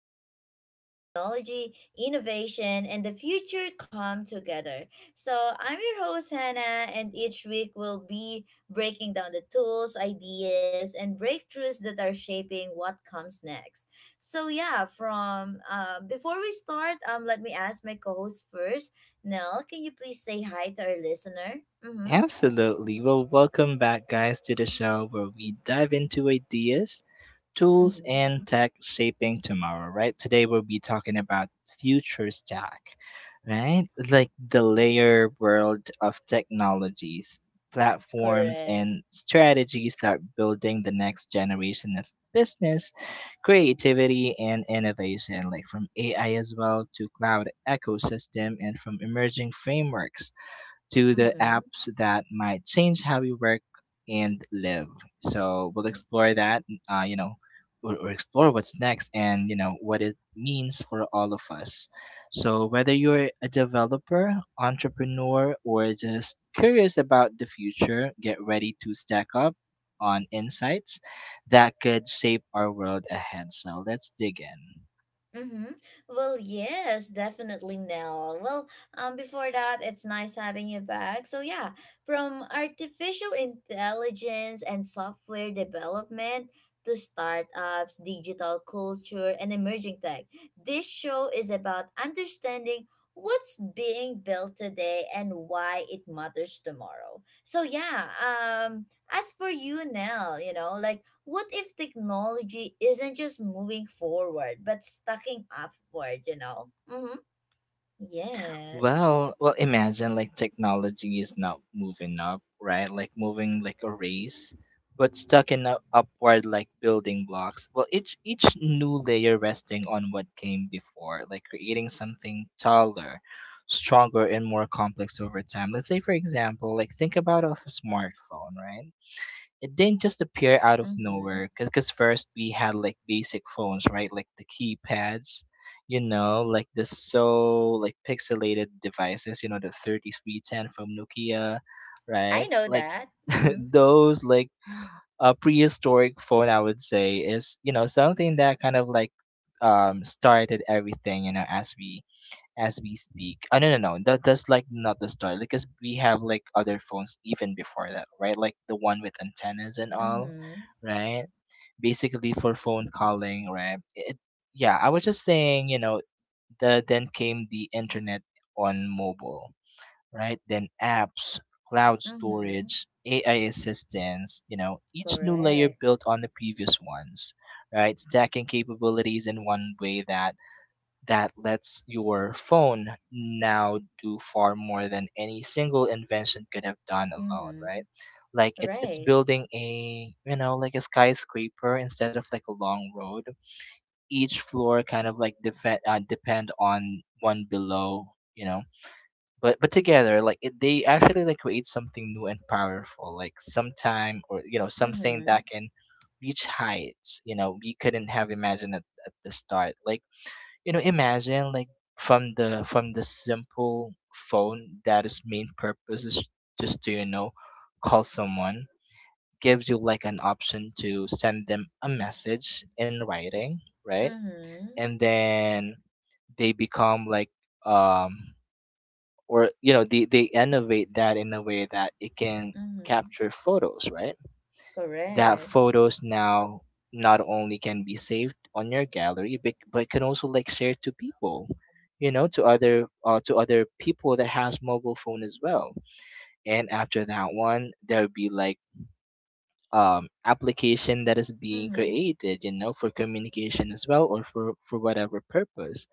podcast where technology, innovation, and the future come together. So I'm your host Hannah, and each week we'll be breaking down the tools, ideas, and breakthroughs that are shaping what comes next. So yeah, from before we start, let me ask my co-host first. Nell, can you please say hi to our listener? Mm-hmm. Absolutely. Well, welcome back, guys, to the show where we dive into ideas, tools, Mm-hmm. and tech shaping tomorrow, right? Today, we'll be talking about future stack, right? Like the layer world of technologies, platforms, Correct. and strategies that building the next generation of business, creativity, and innovation, like from AI as well to cloud ecosystem and from emerging frameworks to the Mm-hmm. apps that might change how we work and live. So we'll explore that, uh, you know, or explore what's next and, you know, what it means for all of us. So whether you're a developer, entrepreneur, or just curious about the future, get ready to stack up on insights that could shape our world ahead. So let's dig in. Mm-hmm. Well, yes, definitely, Nell. Well, before that, it's nice having you back. So, yeah, from artificial intelligence and software development to startups, digital culture, and emerging tech, this show is about understanding what's being built today and why it matters tomorrow. So, yeah, as for you, Nell, you know, like what if technology isn't just moving forward but stacking upward? Mm-hmm. Yes. Well, imagine like technology is not moving up, right? Like moving like a race, but stuck in a upward like building blocks. Well, each new layer resting on what came before, like creating something taller, stronger, and more complex over time. Let's say, for example, like think about of a smartphone, right? It didn't just appear out of Mm-hmm. nowhere, because first we had like basic phones, right? Like the keypads, you know, like the so like pixelated devices, you know, the 3310 from Nokia, right? I know Like that. Mm-hmm. those like a prehistoric phone, I would say, is, you know, something that kind of like started everything, you know, as we speak. Oh, no, no, no. That's like not the story, because we have like other phones even before that, right? Like the one with antennas and all, Mm-hmm. right? Basically for phone calling, right? It, yeah, I was just saying, you know, the then came the internet on mobile, right? Then apps, cloud Mm-hmm. storage, AI assistance, you know, each new layer Correct. built on the previous ones, right? Stacking capabilities in one way that that lets your phone now do far more than any single invention could have done alone, Mm-hmm. right? Like it's Right. building a, you know, like a skyscraper instead of like a long road. Each floor kind of like defend depend on one below, you know. But together, like it, they actually like create something new and powerful, like sometime, or, you know, something Mm-hmm. that can reach heights, you know, we couldn't have imagined at the start, like, you know, imagine like from the simple phone that its main purpose is just to, you know, call someone, gives you like an option to send them a message in writing, right? Mm-hmm. And then they become like um or, you know, they innovate that in a way that it can Mm-hmm. capture photos, right? That Correct. photos now not only can be saved on your gallery, but can also like share to people, you know, to other people that has mobile phone as well. And after that one, there'll be like application that is being Mm-hmm. created, you know, for communication as well, or for whatever purpose.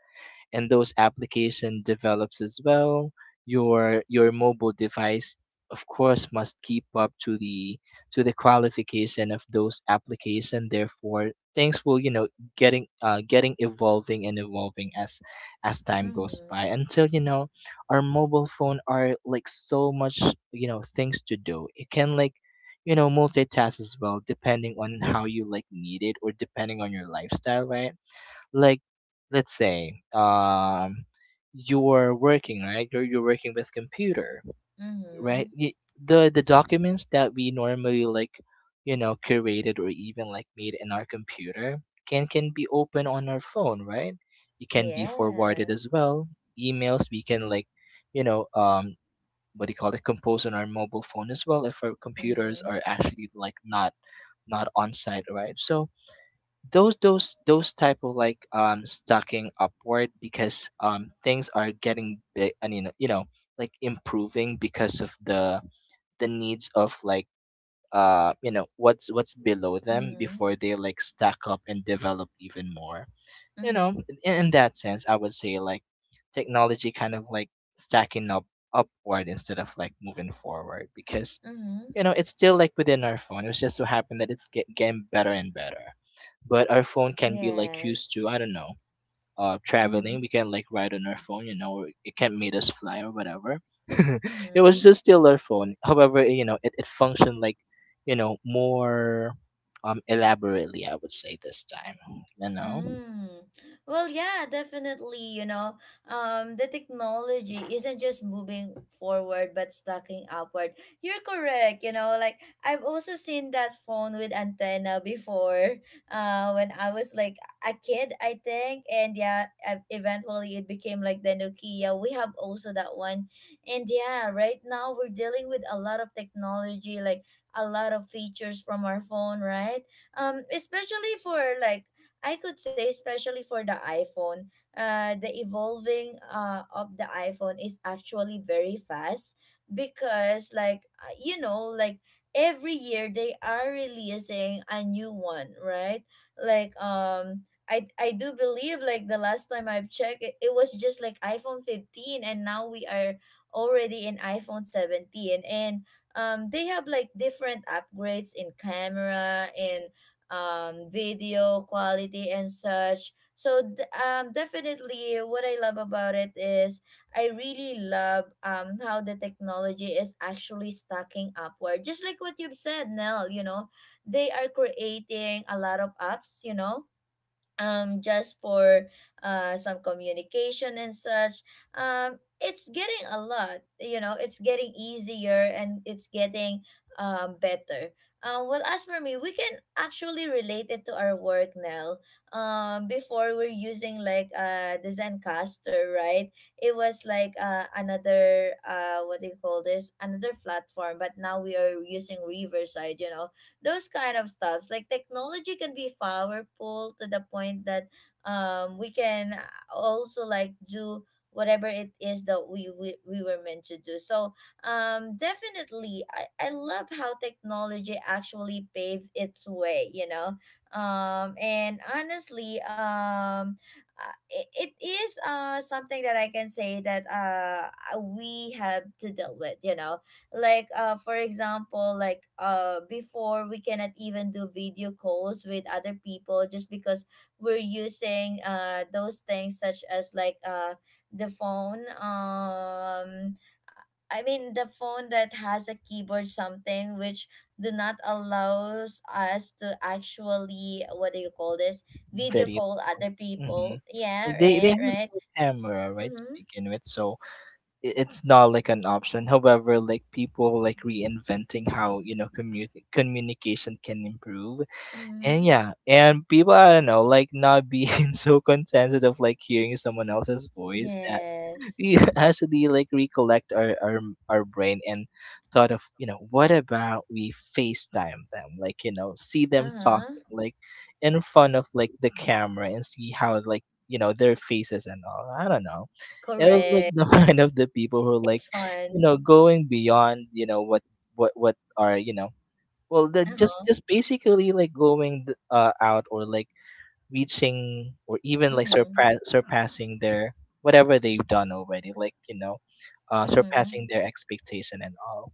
And those application develops as well. Your mobile device, of course, must keep up to the qualification of those application. Therefore things will, you know, getting getting evolving and evolving as time goes Mm-hmm. by, until, you know, our mobile phone are like so much, you know, things to do. It can like, you know, multitask as well, depending on how you like need it, or depending on your lifestyle, right? Like, let's say you're working, right? You're working with computer, right? Mm-hmm. Y the documents that we normally like, you know, curated, or even like made in our computer, can be open on our phone, right? It can be forwarded as Yes. well. Emails we can like, you know, what do you call it compose on our mobile phone as well if our computers Mm-hmm. are actually like not not on site, right? So those type of like stacking upward, because things are getting big, I mean, you know, like improving because of the needs of like you know what's below them Mm-hmm. before they like stack up and develop even more, you know. Mm-hmm. In that sense I would say like technology kind of like stacking up upward instead of like moving forward, because, Mm-hmm. you know, it's still like within our phone. It was just so happened that it's getting better and better. But our phone can be like used Yes. to, I don't know, Mm-hmm. traveling. We can like ride on our phone, you know, or it can make us fly or whatever. It was Mm-hmm. just still our phone, however, you know, it functioned like, you know, more elaborately, I would say, this time, you know. Mm. Well, yeah, definitely. You know, the technology isn't just moving forward but stacking upward. You're correct. You know, like I've also seen that phone with antenna before. When I was like a kid, I think, and yeah, eventually it became like the Nokia. We have also that one, and yeah, right now we're dealing with a lot of technology, like a lot of features from our phone, right? Especially for, like, I could say, especially for the iPhone, the evolving of the iPhone is actually very fast because, like, you know, like every year they are releasing a new one, right? Like, I do believe like the last time I've checked it, it was just like iPhone 15, and now we are already in iPhone 17, and they have like different upgrades in camera, in video quality and such. So definitely, what I love about it is I really love how the technology is actually stacking upward. Just like what you've said, Nell, you know, they are creating a lot of apps, you know, just for some communication and such. It's getting a lot, you know, it's getting easier, and it's getting better. Well, as for me, we can actually relate it to our work now. Before, we're using like the Zencaster, right? It was like another, what do you call this, another platform, but now we are using Riverside, you know. Those kind of stuffs, like technology can be powerful to the point that we can, also like do whatever it is that we were meant to do. So definitely, I love how technology actually paved its way, you know. And honestly, uh, it, it is something that I can say that we have to deal with, you know. Like, for example, like, before, we cannot even do video calls with other people just because we're using those things such as like the phone. I mean, the phone that has a keyboard, something which do not allows us to actually, what do you call this, video Video. call other Hmm. people. Yeah. Like they Right. have Right. no camera, right, to Mm-hmm. begin with. So I- it's not like an option. However, like, people like reinventing how, you know, communication can improve. And Mm-hmm. yeah, and people, I don't know, like not being so contented of like hearing someone else's voice, that Yes. we actually like recollect our our brain and thought of, you know, what about we FaceTime them, like, you know, see them talking, Uh-huh. like, in front of like the camera, and see how, like, you know, their faces and all. I don't know. It was like Correct. the mind of the people who are like, It's you fun. know, going beyond, you know, what are, you know, well, the just Uh-huh. just basically like going out, or like reaching, or even like Mhm. Surpassing their whatever they've done already, like, you know, surpassing Mhm. their expectation and all.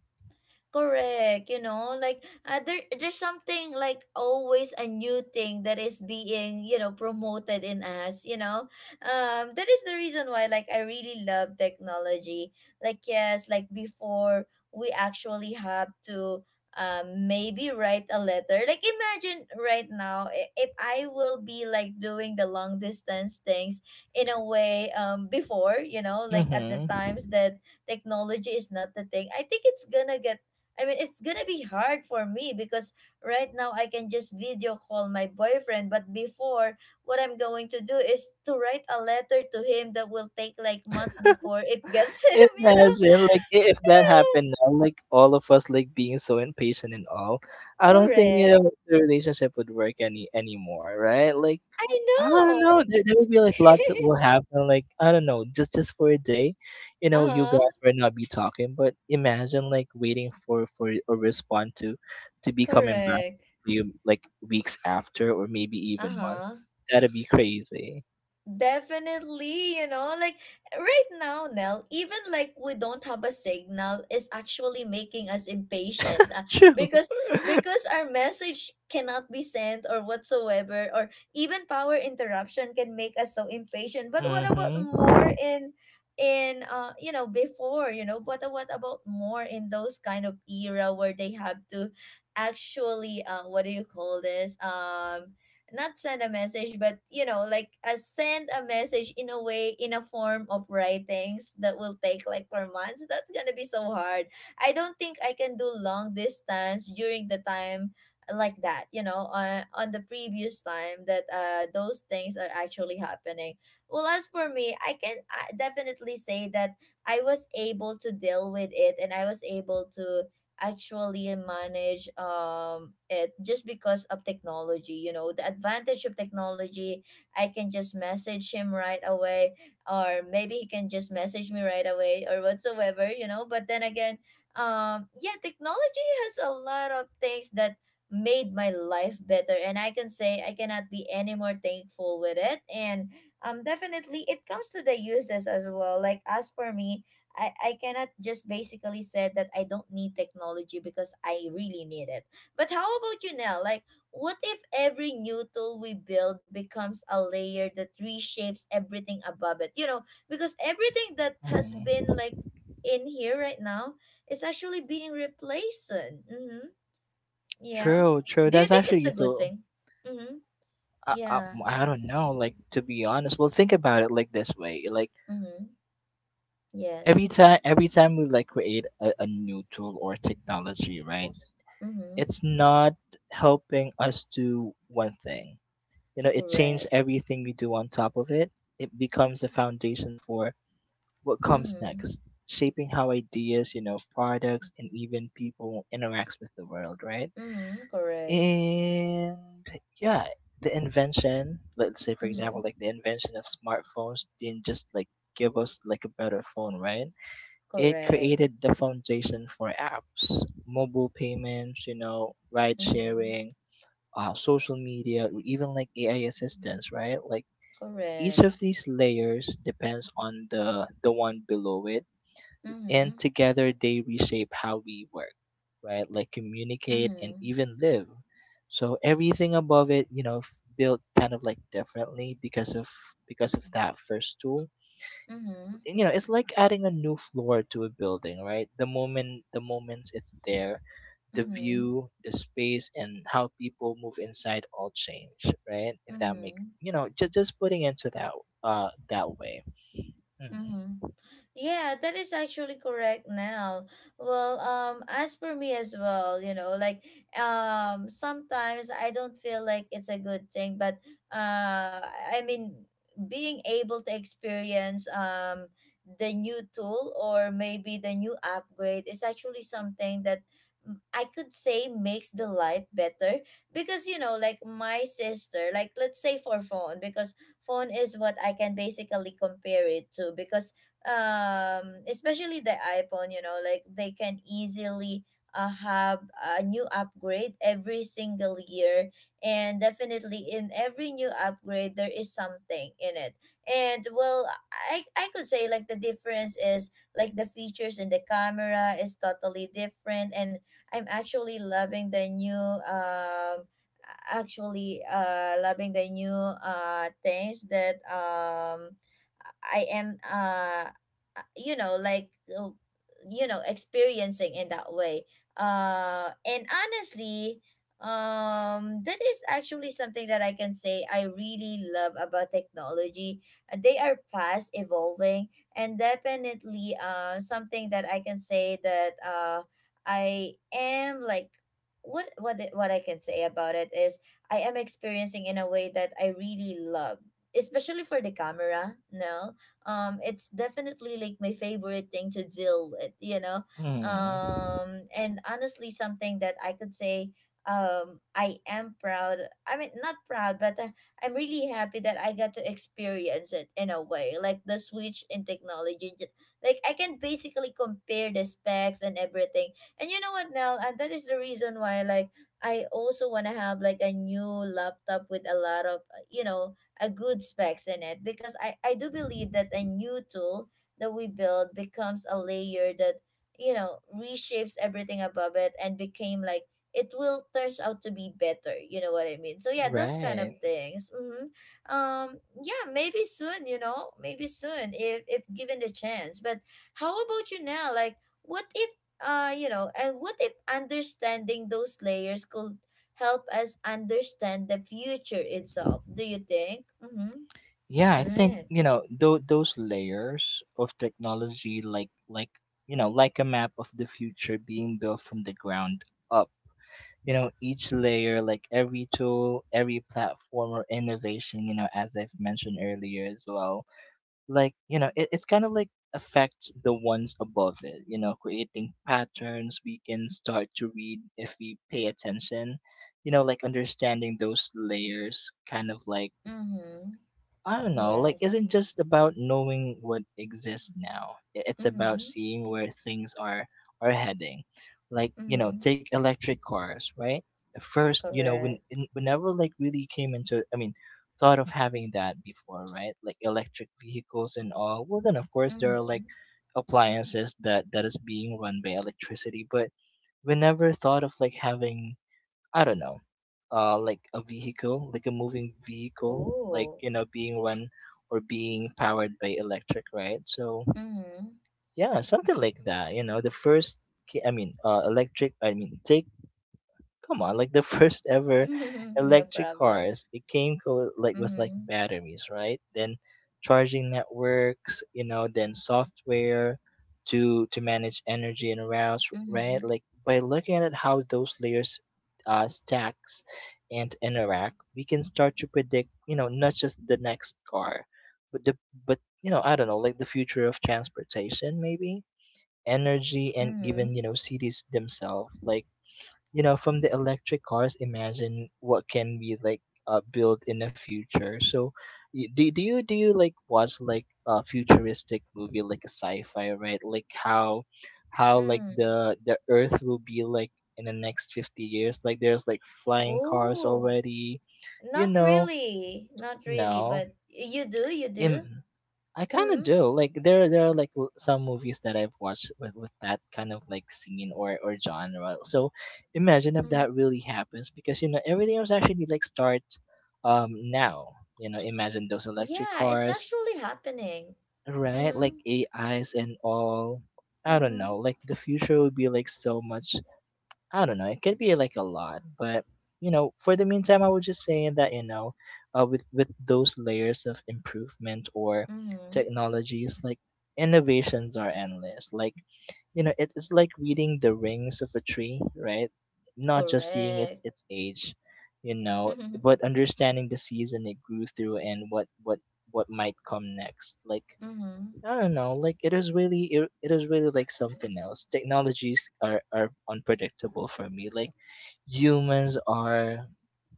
Correct, you know, like, there's something like always a new thing that is being, you know, promoted in us, you know. That is the reason why like I really love technology. Like, yes, like before, we actually have to maybe write a letter. Like, imagine right now, if I will be like doing the long distance things in a way, before, you know, like at the Mm-hmm. times that technology is not the thing, I think it's gonna get, I mean, it's gonna be hard for me because right now I can just video call my boyfriend. But before, what I'm going to do is to write a letter to him that will take like months before it gets him, you know? Imagine like I- if that Ew. happened now, like all of us like being so impatient and all. I don't think, you Correct. know, the relationship would work anymore, right? Like, I I don't know. know. There will be like lots that will happen. Like, I don't know, just for a day, you uh know, you huh. guys will not be talking. But imagine like waiting for a response to be coming back Correct. to you like weeks after, or maybe Uh even months. huh. That'd be crazy. Definitely, you know, like right now, Nell, even like we don't have a signal is actually making us impatient, True. because our message cannot be sent or whatsoever, or even power interruption can make us so impatient. But what about more Mhm. in, before, you know, but what about more in those kind of era where they have to actually, what do you call this? Not send a message, but you know, like a send a message in a way, in a form of writings that will take like for months. That's gonna be so hard. I don't think I can do long distance during the time like that, you know, on the previous time that those things are actually happening. Well, as for me, I can, definitely say that I was able to deal with it, and I was able to actually manage it just because of technology, you know, the advantage of technology. I can just message him right away, or maybe he can just message me right away or whatsoever, you know. But then again, yeah, technology has a lot of things that made my life better, and I can say I cannot be any more thankful with it. And definitely, it comes to the uses as well, like as for me, I cannot just basically say that I don't need technology because I really need it. But how about you now? Like, what if every new tool we build becomes a layer that reshapes everything above it? You know, because everything that has been Mhm. like in here right now is actually being replaced soon. Mm-hmm. Yeah. True. True. Do you That's think it's actually a good the. thing? Mm-hmm. I, I, Yeah. I don't know. Like, to be honest, well, think about it like this way. Like, Mm-hmm. every Yes. time every time we like create a new tool or technology, right? Mm-hmm. It's not helping us do one thing, you know, it changes Correct. everything we do on top of it. It becomes a foundation for what comes Mm-hmm. next, shaping how ideas, you know, products and even people interacts with the world, right? Mm-hmm. Correct. And yeah, the invention, let's say, for example, Mm-hmm. like the invention of smartphones didn't just like give us like a better phone, right? It Correct. created the foundation for apps, mobile payments, you know, ride Mhm. sharing, social media, or even like AI assistance, right? Like each Correct. of these layers depends on the one below it, and Mhm. together they reshape how we work, right? Like communicate and Mhm. even live. So everything above it, you know, built kind of like differently, because of that first tool, Mhm. you know. It's like adding a new floor to a building, right? The moment it's there, the Mhm. view, the space, and how people move inside all change, right? If that make, Mhm. you know, just putting into that that way. Hmm. Mhm. Yeah, that is actually correct now. Well, as for me as well, you know, like sometimes I don't feel like it's a good thing, but I mean, being able to experience the new tool or maybe the new upgrade is actually something that, I could say, makes the life better because, you know, like my sister, like let's say for phone, because phone is what I can basically compare it to. Because especially the iPhone, you know, like they can easily, have a new upgrade every single year. And definitely, in every new upgrade there is something in it. And well, I could say like the difference is like the features in the camera is totally different. And I'm actually loving the new, actually loving the new things that I am, you know, like, experiencing in that way. And honestly, that is actually something that I can say I really love about technology. They are fast evolving, and definitely something that I can say that I am like, what I can say about it is I am experiencing in a way that I really love, especially for the camera. No, it's definitely like my favorite thing to deal with, you know. Mm. And honestly, something that I could say, I am proud, I mean, not proud, but, I'm really happy that I got to experience it in a way, like the switch in technology. Like, I can basically compare the specs and everything. And you know what, Nell, and that is the reason why like I also want to have like a new laptop with a lot of, you know, a good specs in it, because I do believe that a new tool that we build becomes a layer that, you know, reshapes everything above it and became like it will turns out to be better, you know what I mean. So yeah, those kind of Right. things. Mm-hmm. um yeah, maybe soon, you know, maybe soon if given the chance. But how about you now? Like, what if, you know, and what if understanding those layers could help us understand the future itself? Do you think? Mm-hmm. Yeah, I think, Right. you know, those layers of technology, like, you know, like a map of the future being built from the ground up, you know, each layer, like every tool, every platform or innovation, you know, as I've mentioned earlier as well, like, you know, it, it's kind of like affects the ones above it, you know, creating patterns we can start to read if we pay attention, you know. Like understanding those layers kind of like, Mm-hmm. I don't know, like Yes. isn't just about knowing what exists now. I- It's about Mm-hmm. seeing where things are heading. Like, you know, Mm-hmm. take electric cars, right? At first, you know, when Correct. Whenever like really came into, I mean, thought of having that before, right? Like electric vehicles and all. Well, then, of course, there are like Mm-hmm. appliances that that is being run by electricity, but we never thought of like having, I don't know, like a vehicle, like a moving vehicle, like, Ooh. you know, being run or being powered by electric, right? So Mm-hmm. yeah, something like that. You know, the first ca- I mean, electric. I mean, take Come on, like the first ever No electric problem. cars, it came like with like Mm-hmm. batteries, right? Then charging networks, you know, then software to manage energy and routes, right? Mm-hmm. Like by looking at how those layers stacks and interact, we can start to predict, you know, not just the next car, but the, but I don't know, like the future of transportation, maybe energy and Mm-hmm. even cities themselves, like from the electric cars imagine what can be like built in the future. So do you like watch like a futuristic movie, like a sci-fi, right? Like how like Mm. the earth will be like in the next 50 years. Like there's like flying cars Ooh. already, you Not know. really. Not really, No, but you do, you do. I kind of Mm-hmm. do. Like there are like some movies that I've watched with that kind of like scene or genre. So imagine if Mm-hmm. that really happens because everything was actually like start now. Imagine those electric Yeah, it's cars, actually happening. right? Mm-hmm. Like AIs and all. I don't Mm-hmm. know. Like the future would be like so much. I don't know. It could be like a lot, but for the meantime, I would just say that with those layers of improvement or Mm-hmm. technologies, like innovations are endless. Like it is like reading the rings of a tree, right? Not just seeing Correct. its age, you know, but understanding the season it grew through and what might come next. Like Mm-hmm. I don't know. Like it is really, it is really like something else. Technologies are unpredictable for me. Like humans are,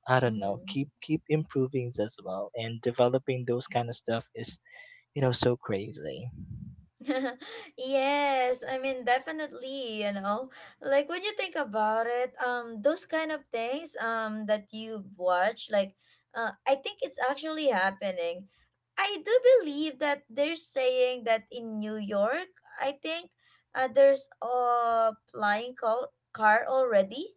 I don't know. Mm-hmm. Keep improving as well, and developing those kind of stuff is, so crazy. Yes, I mean, definitely, you know. Like, when you think about it, those kind of things that you watch like, I think it's actually happening. I do believe that they're saying that in New York, I think, there's a flying car already.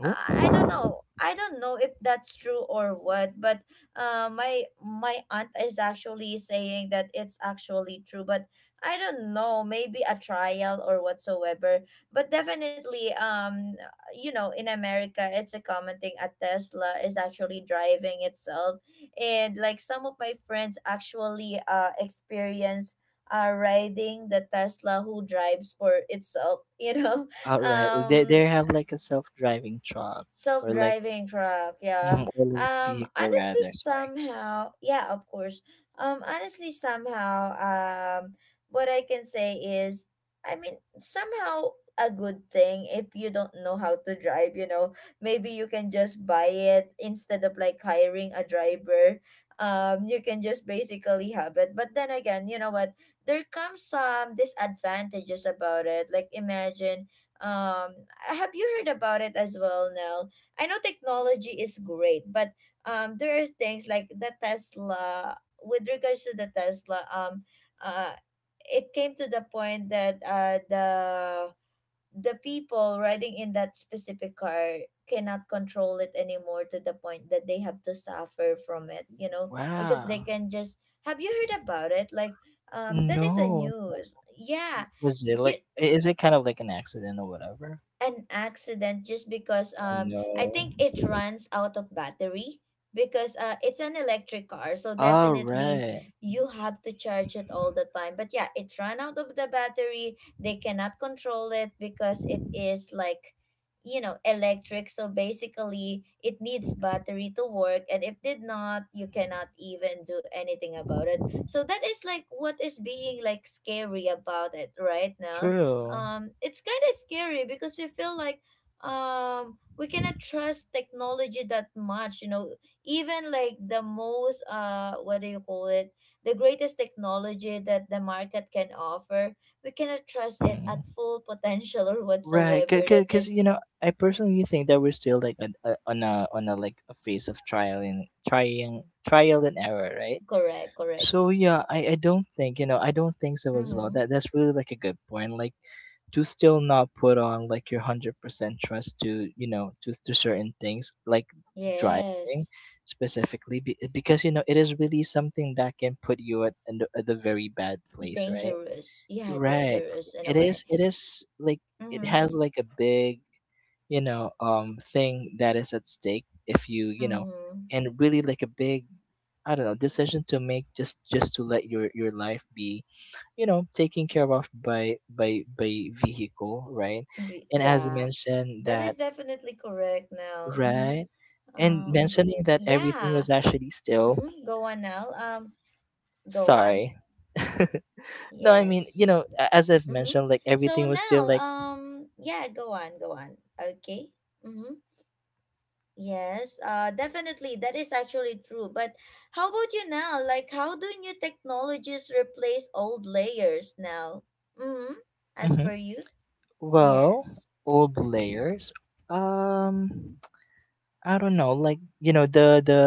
Oh, I don't know. I don't know if that's true or what, but, my aunt is actually saying that it's actually true. But I don't know, maybe a trial or whatsoever. But definitely, you know, in America, it's a common thing. A Tesla is actually driving itself, and like some of my friends actually experience riding the Tesla who drives for itself. You know, all right. They um, they have like a self driving truck, or like self-driving truck, yeah. Or like vehicle rather. Honestly, Sorry. somehow, yeah, of course. Honestly, somehow, what I can say is, I mean, somehow a good thing, if you don't know how to drive, you know, maybe you can just buy it instead of like hiring a driver. You can just basically have it, but then again, you know what, there comes some disadvantages about it. Like, imagine, um have you heard about it as well, Nell? I know technology is great, but there are things like the Tesla. With regards to the Tesla, uh, it came to the point that, uh, the people riding in that specific car cannot control it anymore, to the point that they have to suffer from it. You know, because they Wow. can just. Have you heard about it? Like, that is a No. news. Yeah, Was it you, like? Is it kind of like an accident or whatever? an accident, just because, Oh no. I think it runs out of battery, because it's an electric car, so All definitely right. you have to charge it all the time. But yeah, it ran out of the battery, they cannot control it because it is like, you know, electric, so basically it needs battery to work, and if did not, you cannot even do anything about it. So that is like what is being like scary about it right now. True. It's kind of scary because we feel like, we cannot trust technology that much, you know, even like the most, what do you call it, the greatest technology that the market can offer, we cannot trust it Mm. at full potential. Or Right, whatsoever that because is. I personally think that we're still like on a, on a like a phase of trial and trying, trial and error, right? Correct, correct. So yeah, I don't think, I don't think so as well. Mm-hmm. That's really like a good point. Like to still not put on like your 100% trust to to certain things like driving Yes. specifically, because it is really something that can put you at the very bad place, right? Dangerous, yeah, Right. dangerous in a It way. is it is like it Mm-hmm. has like a big, thing that is at stake if you, you know, Mm-hmm. and really like a big, I don't know, decision to make, just to let your life be, taken care of by vehicle, right? And as Yeah, mentioned that that, is definitely correct now. Mm-hmm. right, and Um, mentioning that everything yeah. was actually still. Mm-hmm. Go on now. Go on. Sorry. No, I mean, Yes. you know, as I've Mm-hmm. mentioned, like So everything was still now, like. Yeah, go on, go on. Okay. Mm-hmm. Yes, definitely. That is actually true. But how about you now? Like, how do new technologies replace old layers now? Mm-hmm. As Hmm. for you? Well, Yes. old layers. Um, I don't know. Like you know the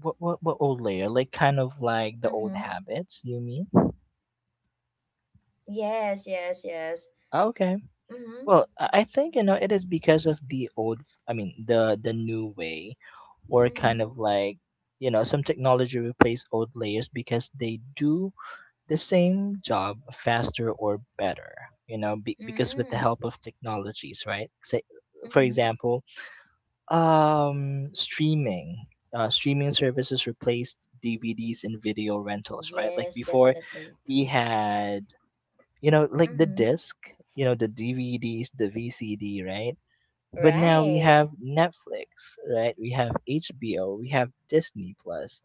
what old layer? Like kind of like the old Mm-hmm. habits, you mean? Yes, yes, yes. Ah, okay. Mm-hmm. Well, I think it is because of the old. I mean, the new way, or kind Mm-hmm. of like some technology replace old layers because they do the same job faster or better. Because with the Mm. help of technologies, right? Say, for Mm-hmm. example, streaming. Streaming services replaced DVDs and video rentals, right? Like Yes, before, definitely. we had, like the Mm-hmm. disc, you know, the DVDs, the VCD, right? But now we Right. have Netflix, right? We have HBO, we have Disney Plus,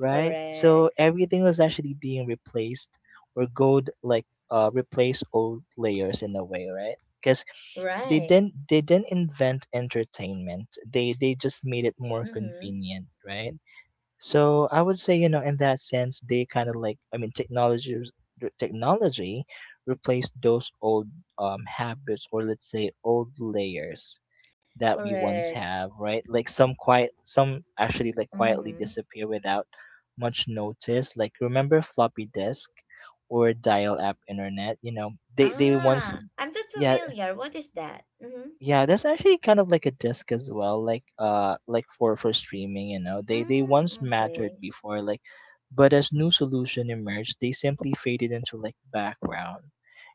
right? So Correct. everything was actually being replaced, or gold like replace old layers in a way, right? Because they Right. didn't they didn't invent entertainment. They just made it more Mm-hmm. convenient, right? So I would say, in that sense, they kind of like, I mean, technology replaced those old, habits, or let's say old layers that we once Correct. have, right? Like some actually like quietly Mm-hmm. disappear without much notice. Like, remember floppy disk or dial-up internet? You know, they once. Ah, I'm not Yeah, familiar. What is that? Mm-hmm. yeah, that's actually kind of like a disc as well, like for streaming. They once Mm, mattered okay. before, like, but as new solution emerged, they simply faded into like background.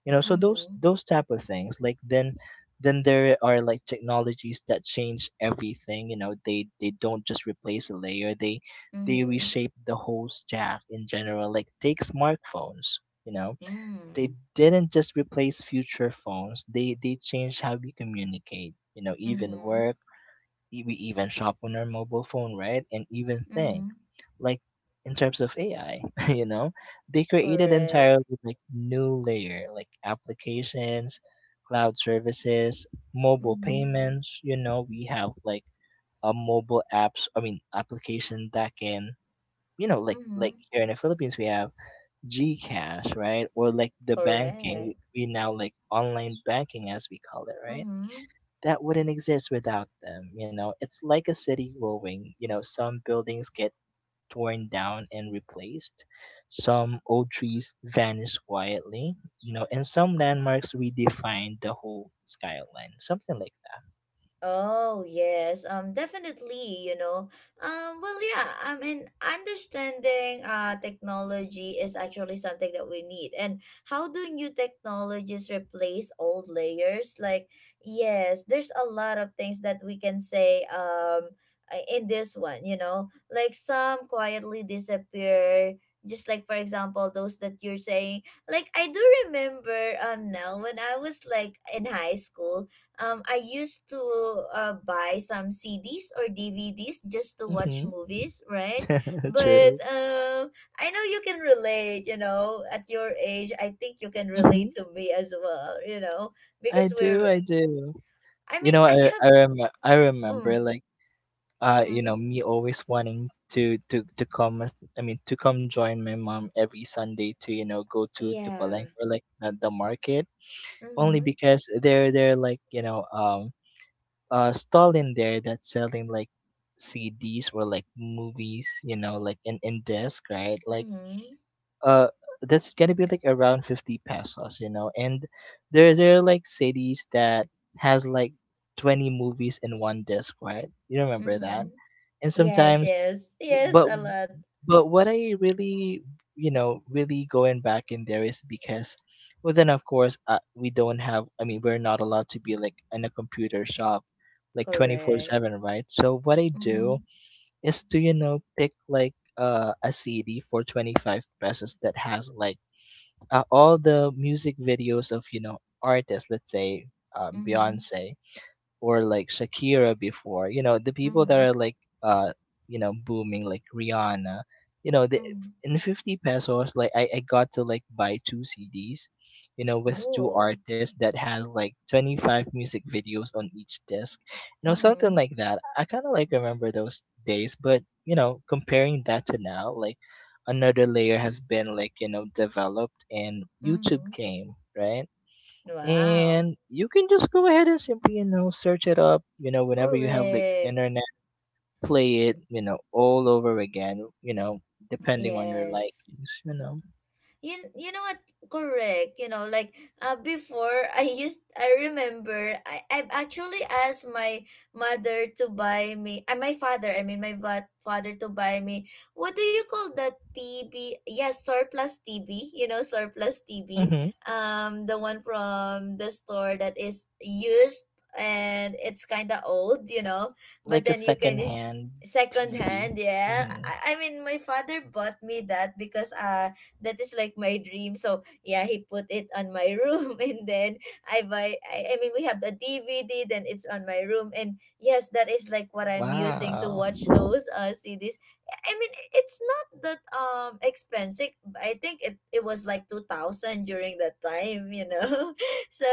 So those Mm-hmm. those type of things, like then there are like technologies that change everything, they don't just replace a layer, they Mm-hmm. reshape the whole stack in general, like take smartphones, you know, they Mm. didn't just replace future phones. They changed how we communicate. Even Mm-hmm. work, we even shop on our mobile phone, right? And even think Mm-hmm. like in terms of AI, you know, they created Correct. entirely like new layer like applications, cloud services, mobile Mm-hmm. payments. We have like a mobile apps. I mean, application that can, like Mm-hmm. Here in the Philippines we have Gcash, right? Or like the banking, Correct. we now like online banking as we call it, right? Mm-hmm. That wouldn't exist without them. It's like a city growing, some buildings get torn down and replaced, some old trees vanish quietly, and some landmarks redefine the whole skyline, something like that. Oh, yes, definitely, you know. Well, yeah, I mean, understanding technology is actually something that we need. And how do new technologies replace old layers? Like, yes, there's a lot of things that we can say, in this one, you know, like some quietly disappear. Just like, for example, those that you're saying, like, I do remember, now when I was like in high school, I used to, buy some CDs or DVDs just to watch Mhm. movies, right? But True. I know you can relate, you know, at your age, I think you can Mhm. relate to me as well, you know, I because we're, do, I do. I You mean, know, I have, I remember mm, like mm-hmm, me always wanting to come I mean to come join my mom every Sunday to go to Palenque yeah, or like the market, only mm-hmm, because there like a stall in there that's selling like CDs or like movies, you know, like in disc, right? Like mm-hmm, uh that's gonna be like around 50 pesos, you know. And there are like cities that has like 20 movies in one disc, right? You remember mm-hmm. that? And Yes, sometimes, yes, yes, but a lot, but what I really, really going back in there is because, well, then of course, we don't have. I mean, we're not allowed to be like in a computer shop like correct. 24/7, right? So what I Mm-hmm, do is to, pick like a cd for 25 pesos that has like, all the music videos of, you know, artists. Let's say mm-hmm, Beyonce, or like Shakira before. You know, the people that mm-hmm, are like, uh booming, like Rihanna. You know, the mm-hmm. in 50 pesos, like, I got to like buy two CDs, you know, with two Whoa. artists that has like 25 music videos on each disc. You know, something Mm-hmm, like that. I kinda like remember those days, but, comparing that to now, like another layer has been like, developed, and YouTube mm-hmm. came, right? Wow. And you can just go ahead and simply, search it up, whenever you have like Correct. internet, play it, all over again, depending on your Yes. likings. You know what, correct, you know, like, before I used I remember, I've actually asked my mother to buy me, my father, I mean my father to buy me, what do you call that, TV, yes, surplus TV, Hmm. The one from the store that is used, and it's kind of old, you know. But Like a then you second can, hand second tv. hand, yeah. Hmm. I mean my father bought me that because that is like my dream. So yeah, he put it on my room and then I mean we have the DVD, then it's on my room, and yes, that is like what I'm using to Wow. watch those CDs. I mean, it's not that expensive. I think it was like 2000 during that time, you know. So,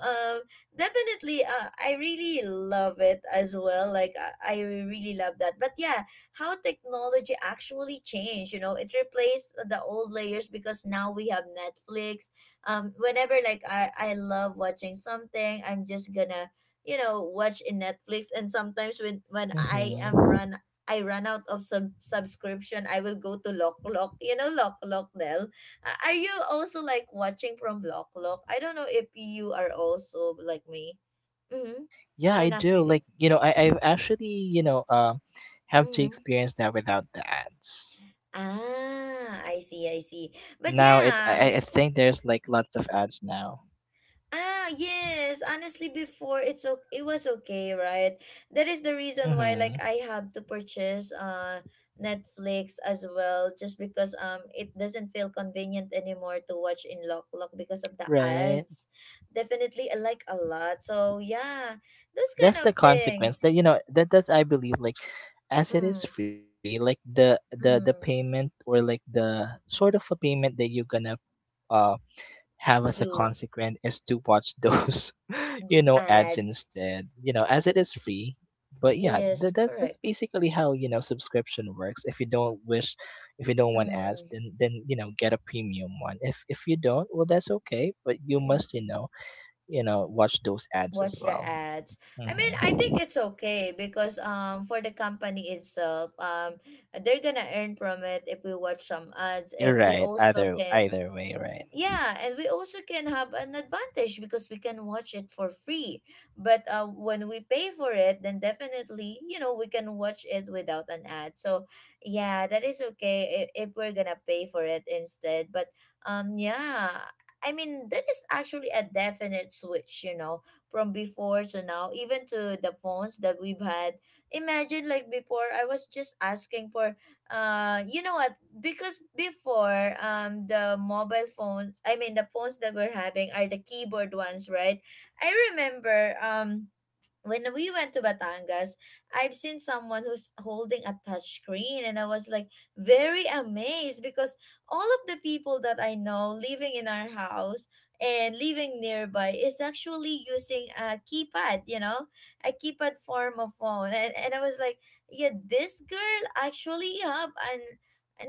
um, definitely, I really love it as well. Like, I really love that. But yeah, how technology actually changed, you know, it replaced the old layers because now we have Netflix. Whenever like I love watching something, I'm just gonna, you know, watch in Netflix. And sometimes when I am Hmm. run, I run out of subscription, I will go to Lock Lock. You know Lock Lock, Nell? Are you also like watching from Lock Lock? I don't know if you are also like me. Mm-hmm. Yeah, I Or do not like, really. I've actually, have to Mm-hmm. experience that without the ads. Ah, I Now see, I it see. I But think there's like yeah, lots of ads now. ah, yes, honestly, before it's okay, it was okay, right? That is the Hmm. reason why, like, I have to purchase Netflix as well, just because it doesn't feel convenient anymore to watch in Lock Lock because of the Right. ads. Definitely, I like a lot. So yeah, those kind of That's the things. consequence that, you know, that's I believe, like, Mm, as it is free, like the mm, payment, or like the sort of a payment that you're gonna uh have as a do consequence is to watch those ads ads. instead, you know, as it Y- is free. But yeah, yes, that, that's correct. that's basically how, you know, subscription works. If you don't wish, if you don't want ads, Mm. then get a premium one. If you don't, well, that's okay, but you must, Mm. Watch those ads as Watch the well. ads. I mean, I think Hmm. it's okay because for the company itself, they're gonna earn from it if we watch some ads, You're and we right. also Either can. either way, right? Yeah, and we also can have an advantage because we can watch it for free. But when we pay for it, then definitely, you know, we can watch it without an ad. So yeah, that is okay if we're gonna pay for it instead. But yeah, I mean, that is actually a definite switch, you know, from before to now, even to the phones that we've had. Imagine, like before, I was just asking for, you know what? Because before, the mobile phones, I mean the phones that we're having, are the keyboard ones, right? I remember, when we went to Batangas, I've seen someone who's holding a touch screen, and I was like very amazed because all of the people that I know living in our house and living nearby is actually using a keypad, you know, a keypad form of phone. And I was like, yeah, this girl actually have an,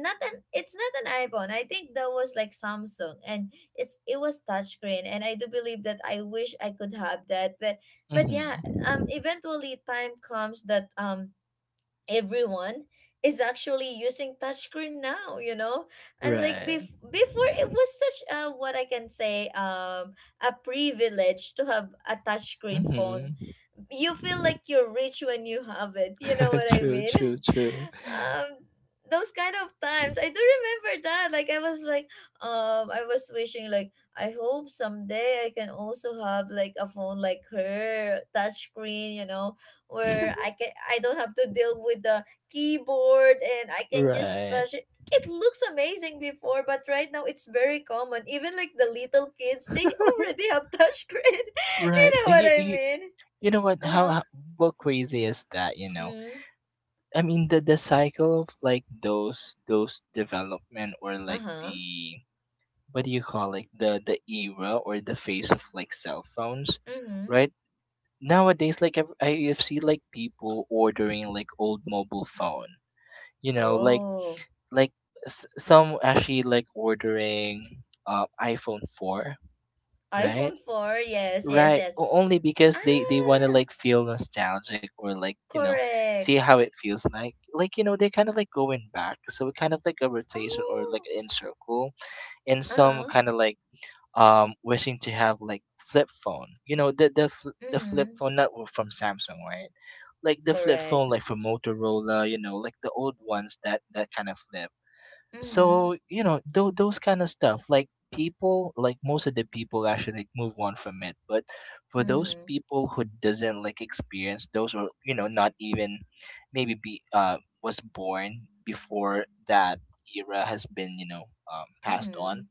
not an, it's not an iPhone. I think that was like Samsung, and it was touchscreen, and I do believe that I wish I could have that. But yeah, Mm-hmm. eventually time comes that everyone is actually using touchscreen now, you know. And like Right. Before, it was such a, what I can say, a privilege to have a touchscreen phone. Mm-hmm. You feel like you're rich when you have it, you know what I True. mean? True. True. um those kind of times, I do remember that, like, I was like, I was wishing like, I hope someday I can also have like a phone like her, touchscreen, you know, where I can, I don't have to deal with the keyboard, and I can just Right. touch it. It looks amazing before, but right now it's very common. Even like the little kids, they already have touch screen. You Right. know what I mean? You know what? Uh How, huh. What crazy is that? You know. Mm. I mean, the cycle of like those development, or Uh like huh. the, what do you call it, the era or the phase of like cell phones, Mm-hmm. right? Nowadays, like I've seen like people ordering like old mobile phone. You know, Oh, like some actually like ordering iPhone 4, right? iPhone four. Yes, yes, Right. yes. Only because they want to Ah, like feel nostalgic or like, you know, see correct. how it feels like. Like, you know, they're kind of like going back. So it kind of like a rotation or like Oh. in circle, and Uh some huh. kind of like wishing to have like flip phone. You know, the flip Mm-hmm. phone, not from Samsung, right? Like the flip Correct. phone like from Motorola, you know, like the old ones that kind of flip. Mm-hmm. So, you know, those kind of stuff, like people, like most of the people actually like, move on from it. But for those Mm-hmm. people who doesn't like experience those or, you know, not even maybe be, was born before that era has been, you know, passed on, Mm-hmm.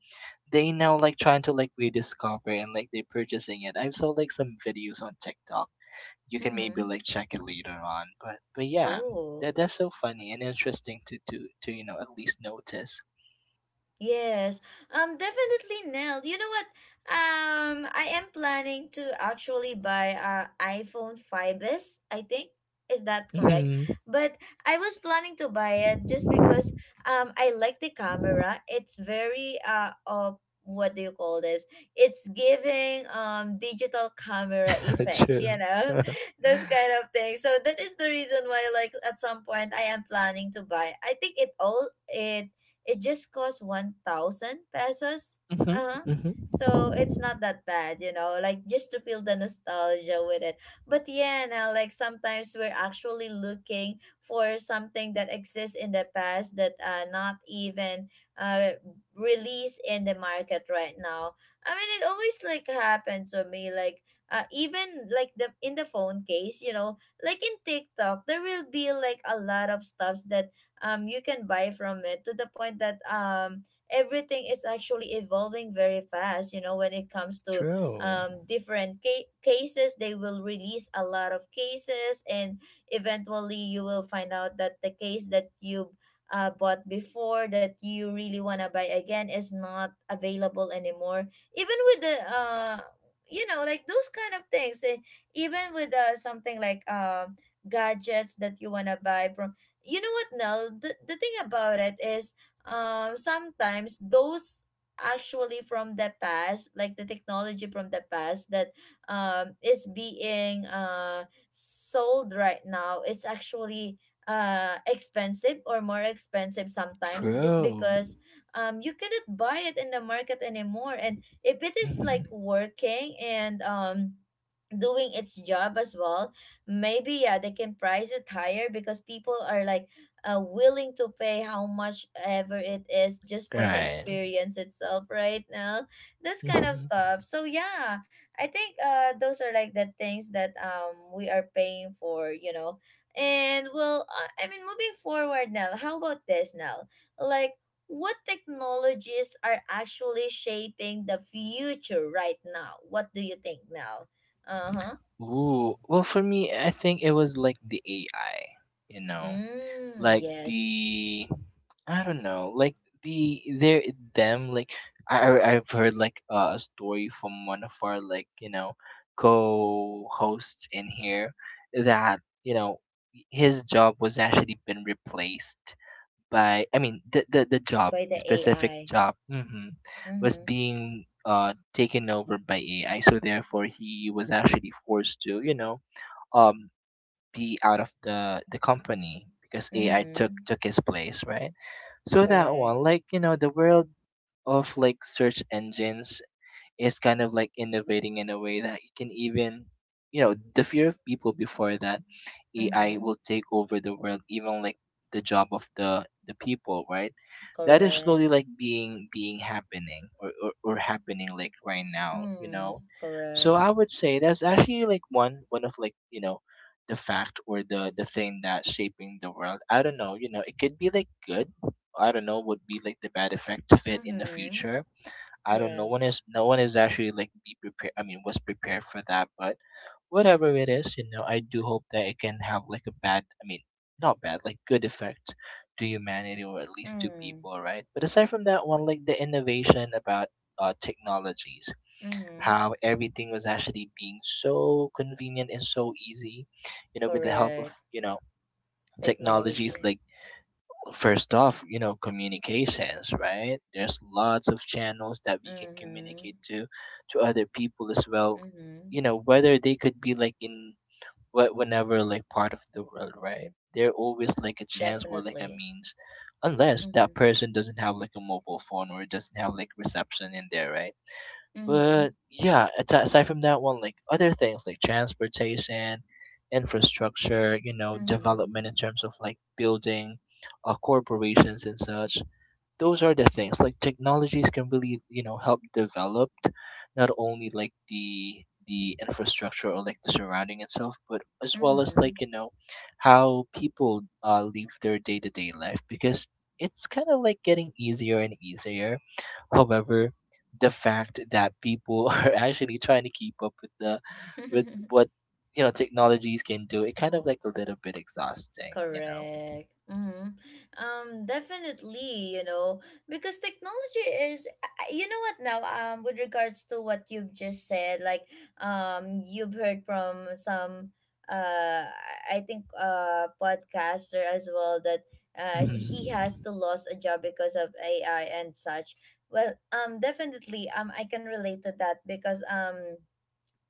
they now like trying to like rediscover and like they're purchasing it. I saw like some videos on TikTok. You can Mm-hmm. maybe like check it later on. But yeah, Oh. that's so funny and interesting to you know, at least notice. Yes, definitely, Nell. You know what? I am planning to actually buy a iPhone five S, I think. Is that correct? Mhm. But I was planning to buy it just because I like the camera. It's very, what do you call this? It's giving, digital camera effect, True. you know? Those kind of things. So that is the reason why like at some point I am planning to buy. I think it all it it just costs 1,000 pesos. Mhm. Uh-huh. Mhm. So it's not that bad, you know, like just to feel the nostalgia with it. But yeah, now like sometimes we're actually looking for something that exists in the past that, not even uh released in the market right now. I mean, it always like happened to me, like, even like the, in the phone case, you know, like in TikTok there will be like a lot of stuffs that, you can buy from it, to the point that, everything is actually evolving very fast. You know, when it comes to, True. Different cases, they will release a lot of cases, and eventually you will find out that the case that you, bought before, that you really want to buy again, is not available anymore. Even with the, you know, like those kind of things. Even with something like gadgets that you want to buy from you know what Nell, the thing about it is sometimes those actually from the past, like the technology from the past that is being sold right now is actually expensive or more expensive sometimes just True. because you cannot buy it in the market anymore, and if it is Mhm. like working and doing its job as well, maybe yeah they can price it higher because people are like willing to pay how much ever it is just for the Right. experience itself right now, this kind of Mhm. stuff, so yeah. I think those are like the things that we are paying for, you know. And well, I mean, moving forward now, how about this now, like what technologies are actually shaping the future right now? What do you think now? Uh-huh. Ooh. Well, for me, I think it was like the AI. You know, Mm, like yes. the I don't know, like the there them like I've heard like a story from one of our like you know co-hosts in here that you know his job was actually been replaced by I mean the job By the specific AI. job was Mm-hmm. being taken over by AI, so therefore he was actually forced to, you know, um be out of the company because AI took Mm-hmm. took his place, right. So that Correct. one, like, you know, the world of like search engines is kind of like innovating in a way that you can even, you know, the fear of people before that AI Mm-hmm. will take over the world, even like the job of the people, right. That is slowly Correct. like being happening, or happening, like, right now, you know. Mm, So correct. I would say that's actually like one of, like, you know, the fact or the thing that's shaping the world. I don't know. You know, it could be like good. I don't know would be like the bad effect of it in the Mm-hmm. future. I don't know. no One Yes. is no one is actually like be prepared. I mean, was prepared for that. But whatever it is, you know, I do hope that it can have like a bad. I mean, not bad, like good effect to humanity or at least to Mm, people, right? But aside from that one, like the innovation about technologies, mm-hmm. how everything was actually being so convenient and so easy, you know, with the help of, Correct. you know, technologies, Technology. like, first off, you know, communications, right? There's lots of channels that we can Mm-hmm. communicate to other people as well. You Mm-hmm. know, whether they could be, like, in whenever, like, part of the world, right? They're always like a chance or like a Definitely. means, unless that Mm-hmm. person doesn't have like a mobile phone or doesn't have like reception in there, right? Mm-hmm. But yeah, aside from that one, like, other things like transportation, infrastructure, you know, Mm-hmm. development in terms of like building corporations and such. Those are the things like technologies can really, you know, help develop not only like the infrastructure or like the surrounding itself, but as well as, like, Mm-hmm. you know, how people live their day-to-day life because it's kind of like getting easier and easier. However, the fact that people are actually trying to keep up with what, you know, technologies can do, it kind of like a little bit exhausting, you know. Correct. Mm-hmm. Definitely, you know, because technology is, you know what now, with regards to what you've just said, like, you've heard from some, I think, podcaster as well that, he has Mhm. to lose a job because of AI and such. Well, definitely, I can relate to that because,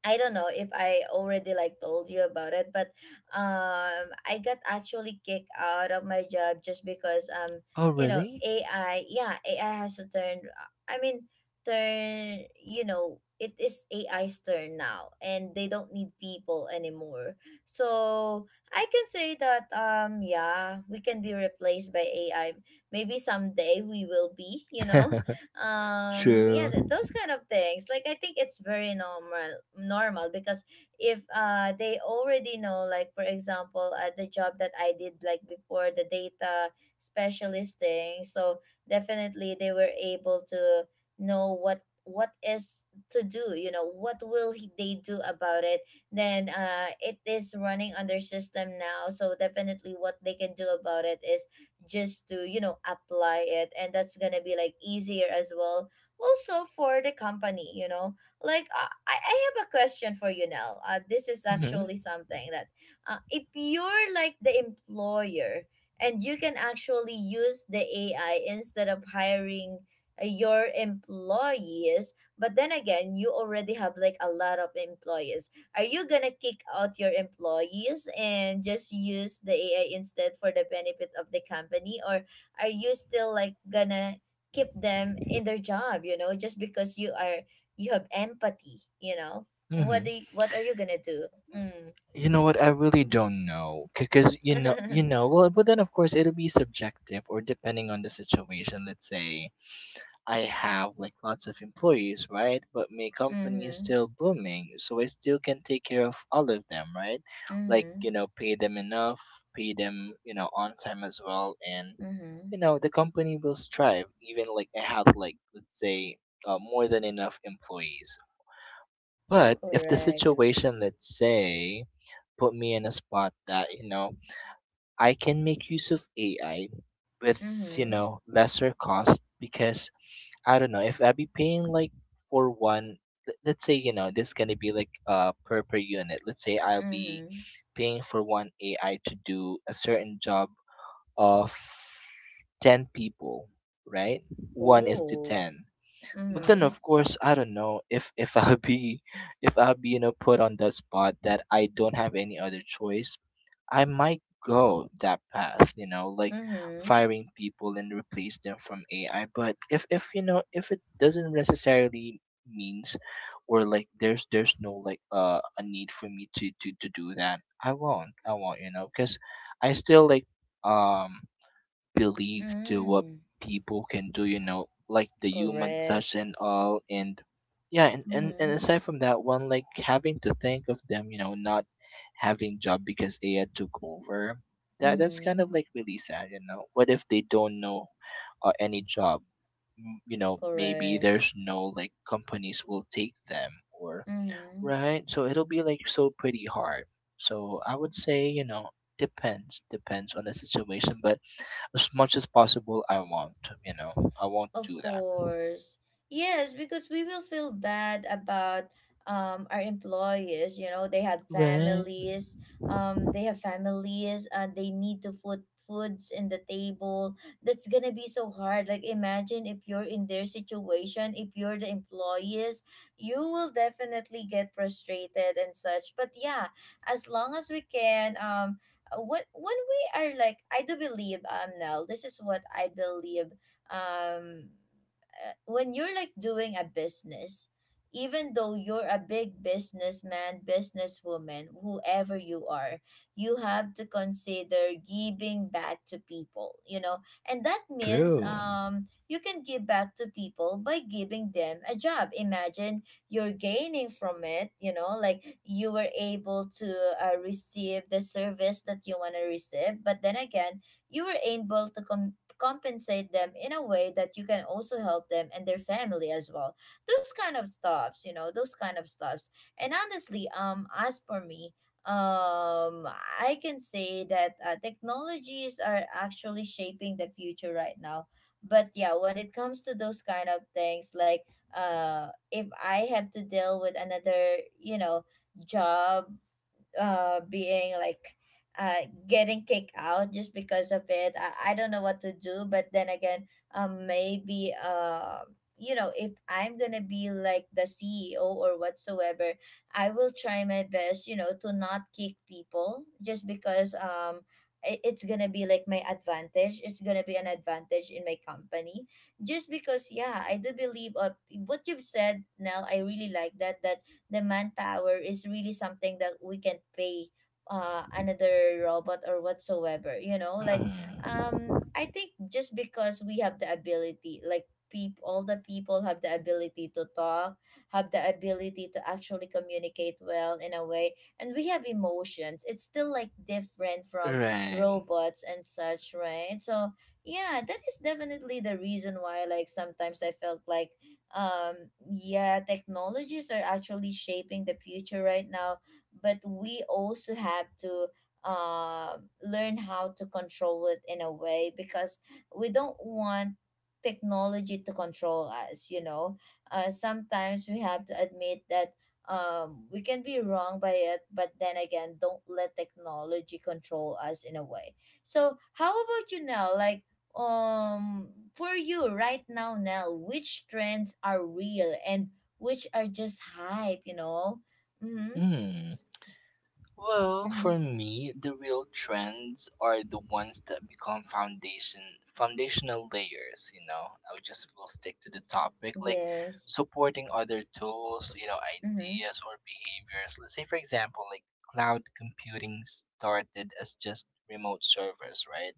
I don't know if I already like told you about it, but I got actually kicked out of my job just because Oh, you know, really. AI, yeah, AI has to turn. I mean, turn. You know, it is AI's turn now, and they don't need people anymore. So I can say that yeah, we can be replaced by AI. Maybe someday we will be. You know, yeah, True. those kind of things, like I think it's very normal because if they already know, like for example the job that I did like before, the data specialist thing, so definitely they were able to know what is to do, you know what they do about it. Then it is running on their system now, so definitely what they can do about it is just to, you know, apply it, and that's gonna be like easier as well, also for the company, you know. Like I have a question for you now. This is Mm-hmm. actually something that if you're like the employer and you can actually use the AI instead of hiring your employees, but then again you already have like a lot of employees, are you gonna kick out your employees and just use the AI instead for the benefit of the company, or are you still like gonna keep them in their job? You know, just because you have empathy. You know, what Mm-hmm. do what are you gonna do? Mm. You know what? I really don't know, because you know, you know. Well, but then, of course, it'll be subjective or depending on the situation. Let's say I have like lots of employees, right? But my company is Mhm. still booming, so I still can take care of all of them, right? Like, Mhm. you know, pay them enough, pay them, you know, on time as well, and, Mhm. you know, the company will strive. Even like I had, like, let's say more than enough employees. But if the Correct. situation, let's say, put me in a spot that, you know, I can make use of AI with, you Mhm. know, lesser cost because I don't know, if I be paying like for one, let's say, you know, this is going to be like per unit. Let's say I'll be Mhm. paying for one AI to do a certain job of 10 people, right? One is to Oh. 10, but then Mhm. of course I don't know if i'll be if i'll be, you know, put on the spot that I don't have any other choice, I might go that path, you know, like Mhm. firing people and replace them from AI. But if, you know, if it doesn't necessarily means, or, like, there's no like a need for me to do that, I won't, you know, because I still like um believe to what Mm. people can do, you know, like the human Correct. touch and all. And yeah, and Mhm. aside from that one, like, having to think of them, you know, not having job because AI took over, that's kind of Mhm. like really sad. You know what if they don't know any job? You know, maybe Correct. there's no like companies will take them. Or, Mm-hmm. right? So it'll be like so pretty hard. So I would say, you know, depends on the situation, but as much as possible, I won't Of do that. course. Yes, because we will feel bad about our employees, you know, Right. They have families and they need to put foods in the table. That's gonna be so hard. Like imagine if you're in their situation, if you're the employees, you will definitely get frustrated and such. But yeah, as long as we can what when we are like, I do believe Nell, this is what I believe. um when you're like doing a business, even though you're a big businessman, businesswoman, whoever you are, you have to consider giving back to people, you know. And that means True. You can give back to people by giving them a job. Imagine you're gaining from it, you know, like you were able to receive the service that you want to receive, but then again you were able to compensate them in a way that you can also help them and their family as well. Those kind of stuffs, you know, those kind of stuffs. And honestly, as for me, um, I can say that technologies are actually shaping the future right now. But yeah, when it comes to those kind of things, like if I have to deal with another, you know, job being like getting kicked out just because of it, I don't know what to do. But then again, maybe, you know, if I'm gonna be like the CEO or whatsoever, I will try my best, you know, to not kick people just because it's gonna be like my advantage, it's gonna be an advantage in my company, just because, yeah, I do believe, what you've said, Nell, I really like that, that the manpower is really something that we can pay another robot or whatsoever, you know, like Mm, I think just because we have the ability, like people, all the people have the ability to talk, have the ability to actually communicate well in a way, and we have emotions, it's still like different from right. robots and such, right? So yeah, that is definitely the reason why, like sometimes I felt like yeah, technologies are actually shaping the future right now, but we also have to uh, learn how to control it in a way, because we don't want technology to control us, you know. Sometimes we have to admit that we can be wrong by it, but then again, don't let technology control us in a way. So how about you now, like um for you right now, Nell, which trends are real and which are just hype, you know? Mm-hmm, Mm. Well, mm-hmm. for me, the real trends are the ones that become foundational layers, you know. I would just will stick to the topic, like Yes. supporting other tools, you know, Mm-hmm, ideas or behaviors. Let's say, for example, like cloud computing started as just remote servers, right?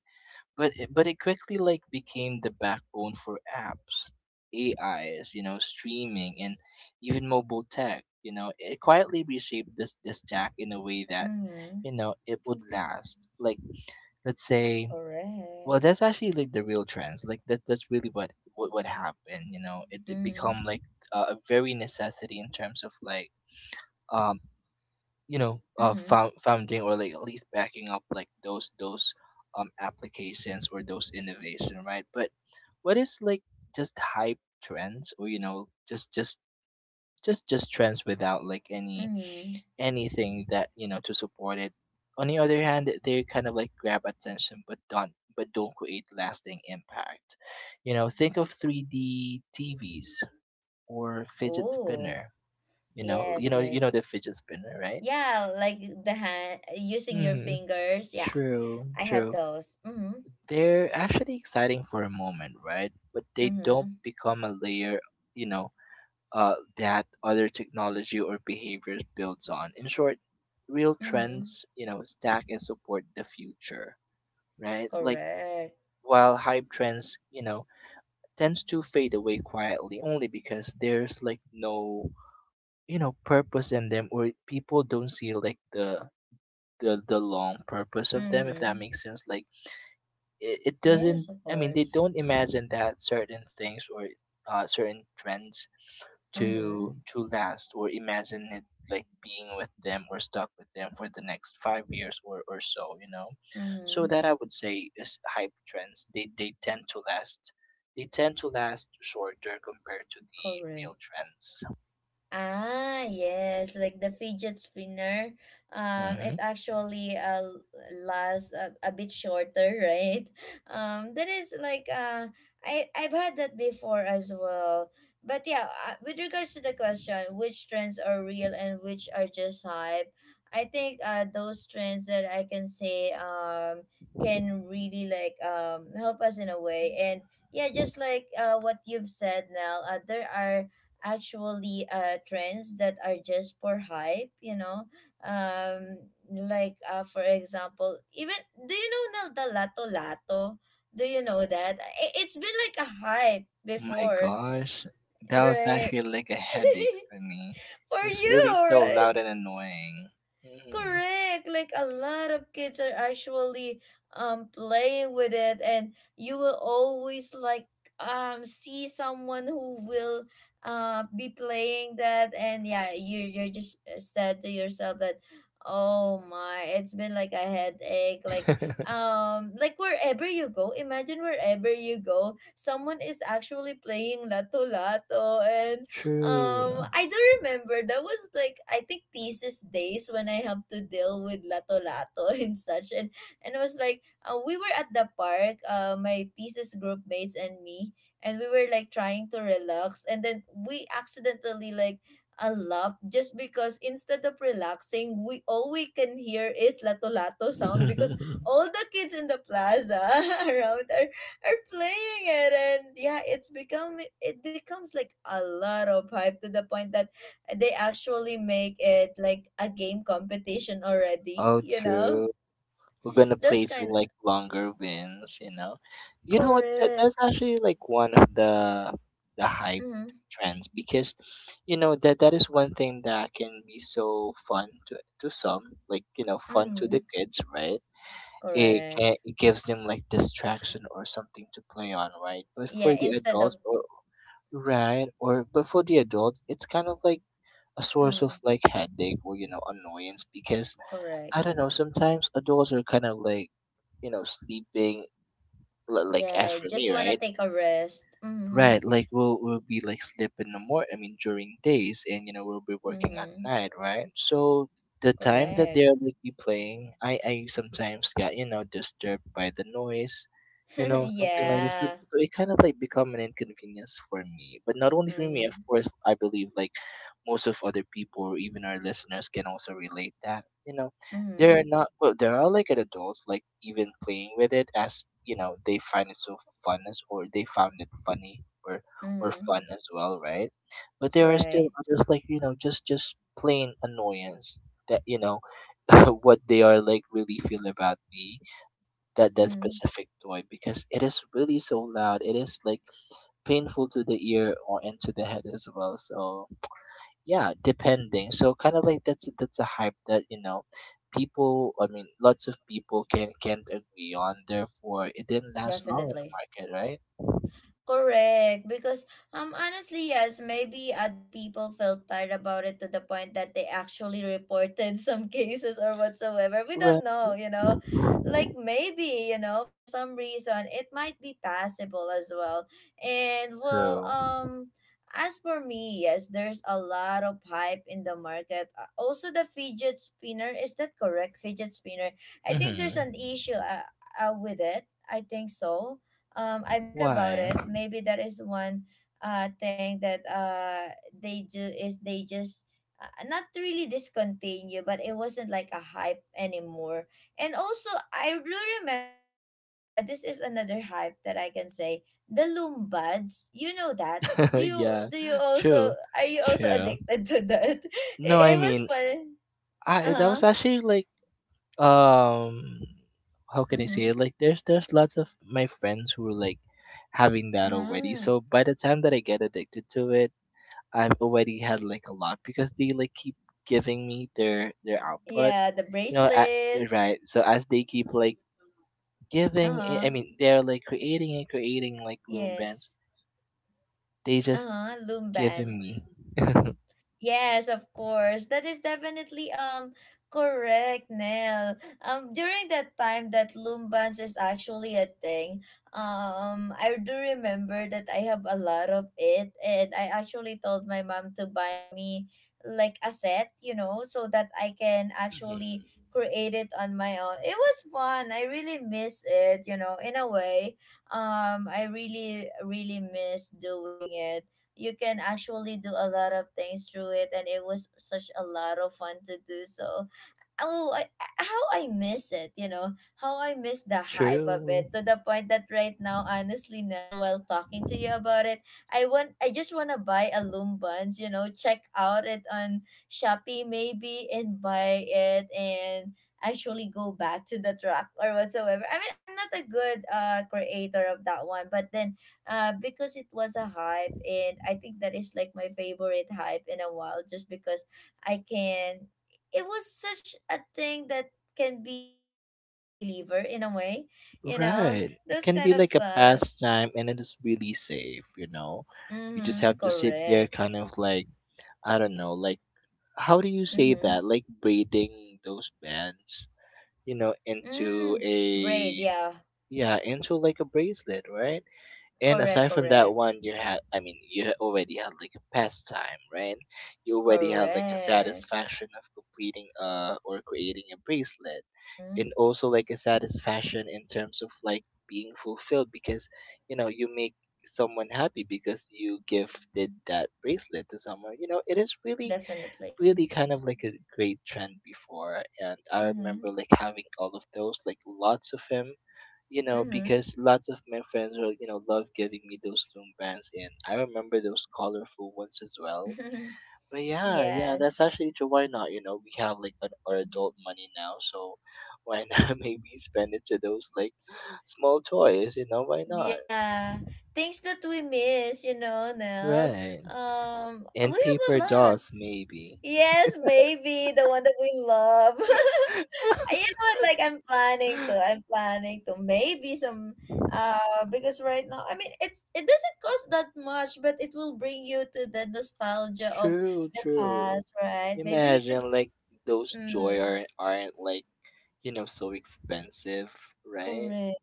But it quickly like became the backbone for apps, AIs, you know, streaming, and even mobile tech, you know, it quietly reshaped this stack in a way that, mm-hmm. you know, it would last, like, let's say, Correct. well, that's actually like the real trends. Like that's really what happened, you know. It Mm-hmm, become like a very necessity in terms of like um you know mm-hmm, founding, or like at least backing up like those applications or those innovation, right. But what is like just hype trends, or, you know, just trends without like mm-hmm. anything that, you know, to support it, on the other hand, they kind of like grab attention but don't create lasting impact. You know, think of 3D TVs or fidget Oh. spinner, Yes, you know the yes. fidget spinner, right. Yeah, like the hand, using your Mm-hmm. fingers, yeah. True, I have true. those. Mm-hmm, They're actually exciting for a moment, right? But they don't mm-hmm, become a layer, you know, that other technology or behaviors builds on. In short, real mm-hmm. trends, you know, stack and support the future, right? Like, Correct. while hype trends, you know, tends to fade away quietly only because there's like no, you know, purpose in them, or people don't see like the long purpose of them, if that Mm-hmm. makes sense. Like it Yes, doesn't. of I mean, they course. don't imagine that certain things or certain trends Mm-hmm, to last, or imagine it like being with them or stuck with them for the next 5 years or so, you know. So mm-hmm. that, I would say, is hype trends. They tend to last They tend to last shorter compared to the real Correct. trends. Ah, yes, like the fidget spinner. Hmm It actually lasts a bit shorter, right? That is like, I've had that before as well. But yeah, with regards to the question, which trends are real and which are just hype? I think those trends that I can say can really like help us in a way, and yeah, just like, what you've said, Nell, there are actually trends that are just for hype, you know. um like for example, even, do you know now, the lato lato? Do you know that? It's been like a hype my before, gosh, that was right? actually like a headache for me. For It was you, really so right? loud and annoying. Hmm. Correct. Like a lot of kids are actually playing with it, and you will always like see someone who will be playing that, and yeah, you're just said to yourself that oh my, it's been like a headache. Like like wherever you go, imagine wherever you go, someone is actually playing lato lato, and True. I do remember that was like, I think, thesis days, when I have to deal with lato lato and such. And it was like we were at the park, my thesis group mates and me, and we were like trying to relax, and then we accidentally like a laugh, just because instead of relaxing, we all we can hear is lato lato sound because all the kids in the plaza around are playing it. And yeah, it becomes like a lot of hype to the point that they actually make it like a game competition already, Oh, you know. true. We're gonna Those play to kind. like longer wins, you know. You know what? That's Correct. actually like one of the hype Mm-hmm. trends because, you know, that is one thing that can be so fun to some, like, you know, fun to Mm-hmm. the kids, right? Correct. It gives them like distraction or something to play on, right? But for Yeah, the instead of. adults, or, right? Or but for the adults, it's kind of like a source of Mm, like headache or, you know, annoyance because I correct. don't know, sometimes adults are kind of like, you know, sleeping, like, as Yeah, for me, just want to right. take a rest. Mm-hmm. Right, like we'll be like sleep in the morning. I mean, during days, and, you know, we'll be working at Mm-hmm. night, right? So the time that Correct. they're like be playing, I sometimes got, you know, disturbed by the noise, you know, something like this. So, Yeah. so it kind of like become an inconvenience for me, but not only for me, of Mm-hmm. course. I believe like most of other people, or even our listeners, can also relate that. You know, Mm-hmm. they're not well, they are like an adults like even playing with it, as you know, they find it so fun as, or they found it funny, or fun Mm-hmm. as well, right? But there are still Right. others like, you know, just plain annoyance that, you know, what they are like really feel about me that Mm-hmm. specific toy because it is really so loud. It is like painful to the ear or into the head as well, so yeah, depending. So kind of like that's a hype that, you know, people, I mean, lots of people can't agree on, therefore it didn't last long in the Definitely. market, right? Correct. Because honestly, yes, maybe other people felt tired about it to the point that they actually reported some cases or whatsoever. We Right. don't know, you know. Like maybe, you know, for some reason it might be passable as well. And well, True. As for me, yes, there's a lot of hype in the market. Also the fidget spinner, is that correct? Fidget spinner. I think there's Mm-hmm. an issue with it, I think so. I've heard about Why? it. Maybe that is one thing that they do, is they just not really discontinue, but it wasn't like a hype anymore. And also, I do remember this is another hype that I can say, the Lumbads. You know that. Do you Yeah. do you also, True, are you also true. addicted to that? It, No, I it was mean, fun. Uh I that huh. was actually like um how can I say Mm-hmm. it, like there's lots of my friends who are like having that already, Ah. so by the time that I get addicted to it, I've already had like a lot because they like keep giving me their output. Yeah, the You know, at, you're bracelet. right. So as they keep like Uh giving, I huh. mean, they're like creating and creating like loom bands. Yes. They just Uh-huh, loom giving me. bands. Yes, of course. That is definitely correct, Nell. During that time that loom bands is actually a thing, I do remember that I have a lot of it, and I actually told my mom to buy me like a set, you know, so that I can Mhm. actually create it on my own. It was fun. I really miss it, you know, in a way. I really miss doing it. You can actually do a lot of things through it and it was such a lot of fun to do so. oh I, how I miss it, you know. How I miss the hype of True. it, to the point that right now, honestly, Nell, while talking to you about it, I just want to buy a loom buns, you know, check out it on Shopee maybe and buy it and actually go back to the truck or whatsoever. I mean, I'm not a good creator of that one. But then because it was a hype, and I think that is like my favorite hype in a while, just because I can it was such a thing that can be like a stress reliever in a way, you know, Right. It those can kind be of like a stuffs. pastime, and it is really safe. You know, you just Mm-hmm, have to sit there, correct. kind of like I don't know, like how do you say Mm-hmm. that? Like braiding those bands, you know, into Mm, braid, a yeah. Yeah, into like a bracelet, right? And Correct, aside from that correct, one, you had, I mean, you had already had like a pastime, right? You already had like a correct. satisfaction of completing or creating a bracelet, Mm-hmm, and also like a satisfaction in terms of like being fulfilled because you know you make someone happy because you gifted that bracelet to someone. You know, it is really definitely. really kind of like a great trend before, and I Mm-hmm, remember like having all of those, like lots of them, you know, because lots of my friends were, you know, love giving me those loom bands, and I remember those colorful ones as well. mm-hmm. But yeah, yeah, that's yes. actually true. Why not? You know, we have like an, our adult money now, so why not maybe spend it to those like small toys? You know, why not? Yeah. Things that we miss, you know, Nell. Right. We And have a paper lot. dolls maybe. Yes, maybe the one that we love. You know what, like I'm planning to maybe some because right now, I mean, it doesn't cost that much, but it will bring you to the nostalgia of True, the true. past, right? Maybe we can Imagine like those joy mm, aren't like, you know, so expensive, right? correct.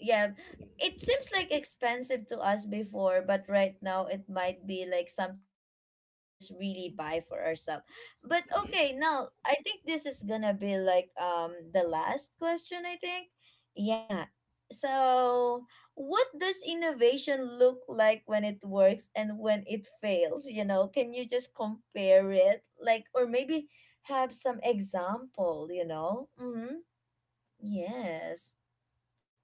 Yeah. It seems like expensive to us before, but right now it might be like something that we can just really buy for ourselves. But okay, now I think this is gonna be like the last question, I think. Yeah. So what does innovation look like when it works and when it fails? You know, can you just compare it? Like, or maybe have some example, you know? Mm-hmm. Yes,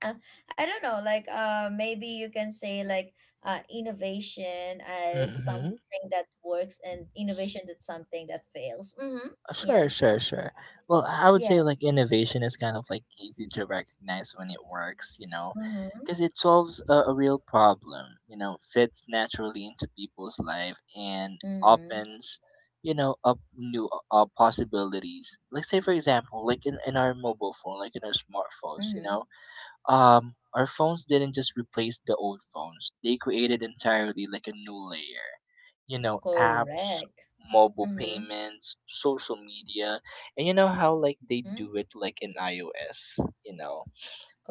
uh, I don't know, like maybe you can say like innovation as Mm-hmm. something that works and innovation that's something that fails. Mm-hmm. Sure, Yes. sure, sure. Well, I would say like Yes. innovation is kind of like easy to recognize when it works, you know, Mm-hmm. because it solves a real problem, you know, fits naturally into people's life and Mm-hmm. opens, you know, up new possibilities. Like say for example, like in our mobile phone, like in our smartphones, you know, Mm-hmm. Our phones didn't just replace the old phones. They created entirely like a new layer, you know, apps, Correct. mobile Mm-hmm. payments, social media, and you know how like they Mm-hmm. do it like in iOS. You know,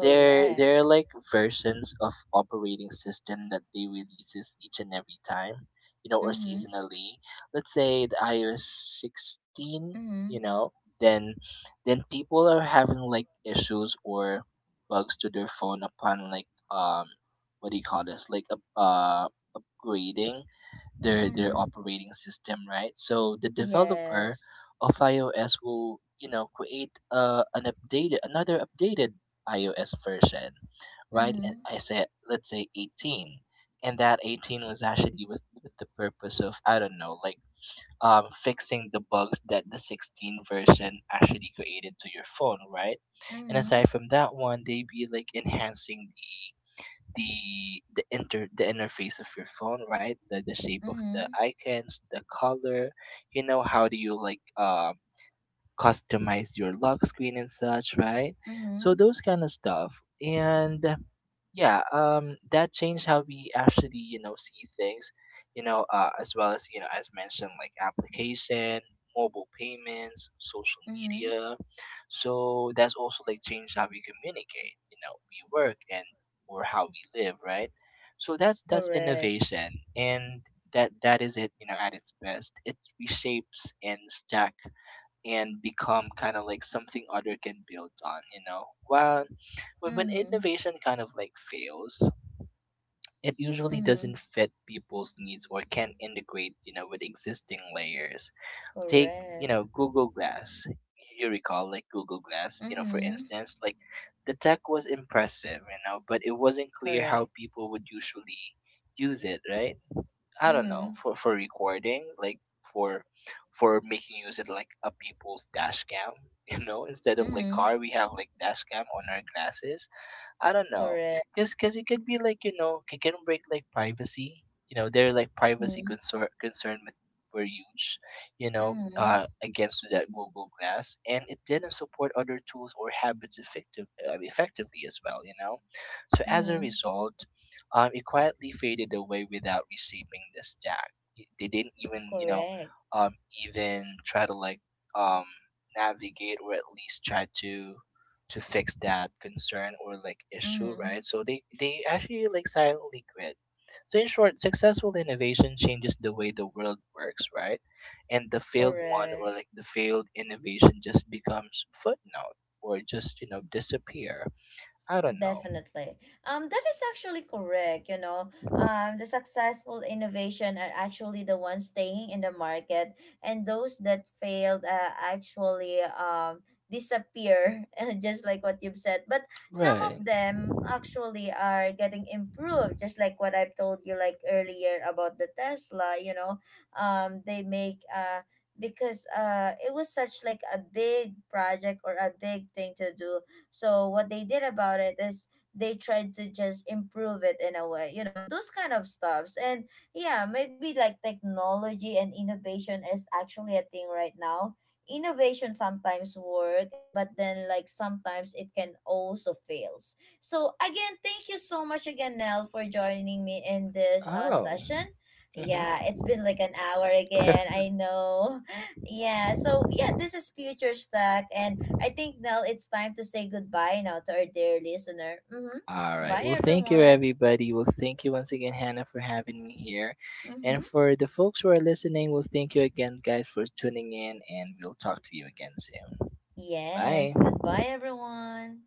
they're like versions of operating system that they releases each and every time, you know, or Mm-hmm. seasonally. Let's say the iOS 16, you Mm-hmm. know, then people are having like issues or bugs to their phone upon like what do you call this? Like up upgrading their Mm-hmm. operating system, right? So the developer Yes. of iOS will, you know, create an updated, another updated iOS version, right? And Mm-hmm. I said let's say 18, and that 18 was actually with the purpose of I don't know, like fixing the bugs that the 16 version actually created to your phone, right? And Mm-hmm. aside from that one, they be like enhancing the interface of your phone, right? The shape of the Mm-hmm. icons, the color, you know, how do you like customize your lock screen and such, right? So Mm-hmm. those kind of stuff. And yeah, that changed how we actually, you know, see things, you know, as well as, you know, as mentioned, like application, mobile payments, social Mm-hmm. media. So that's also like changed how we communicate, you know, we work, and or how we live, right? So that's Correct. innovation, and that is it. You know, at its best it reshapes and stack and become kind of like something other can build on, you know, while but when Mm-hmm. innovation kind of like fails, it usually Mm-hmm. doesn't fit people's needs or can't integrate, you know, with existing layers. Take, you Correct. know, Google Glass. You recall like Google Glass, you know, for Mm-hmm. instance. Like the tech was impressive, you know, but it wasn't clear how Correct. people would usually use it, right? I don't know, Mhm, for recording, like for making use of like a people's dash cam. You know, instead of like mhm, car, we have like dash cam on our glasses, I don't know, correct. because it could be like, you know, it can break like privacy. You know, their like privacy Mhm, were huge. You know, mhm, against that Google Glass, and it didn't support other tools or habits effectively as well. You know, so as a mhm, result, it quietly faded away without reshaping the stack. They didn't even, you know, correct. um, even try to like um navigate or at least try to fix that concern or like issue, right? Mhm, So they actually like silently quit. So in short, successful innovation changes the way the world works, right? And the failed one, correct. or like the failed innovation, just becomes footnote or just, you know, disappear. I don't know. Definitely. That is actually correct. You know, the successful innovation are actually the ones staying in the market, and those that failed actually disappear, just like what you've said. But some Right. of them actually are getting improved, just like what I've told you like earlier about the Tesla. You know, they make because it was such like a big project or a big thing to do, so what they did about it is they tried to just improve it in a way, you know, those kind of stuffs. And yeah, maybe like technology and innovation is actually a thing right now. Innovation sometimes work, eh, but then like sometimes it can also fails. So again, thank you so much again, Nell, for joining me in this Oh. session. Mm-hmm. Yeah, it's been like an hour again, I know. Yeah, so yeah, this is Future Stack, and I think now it's time to say goodbye now to our dear listener. Mm-hmm. All right. Bye, Well, thank you, everyone. everybody. Well, thank you once again, Hannah, for having me here. Mm-hmm. And for the folks who are listening, well, thank you again, guys, for tuning in, and we'll talk to you again soon. Bye. Yes, goodbye, everyone.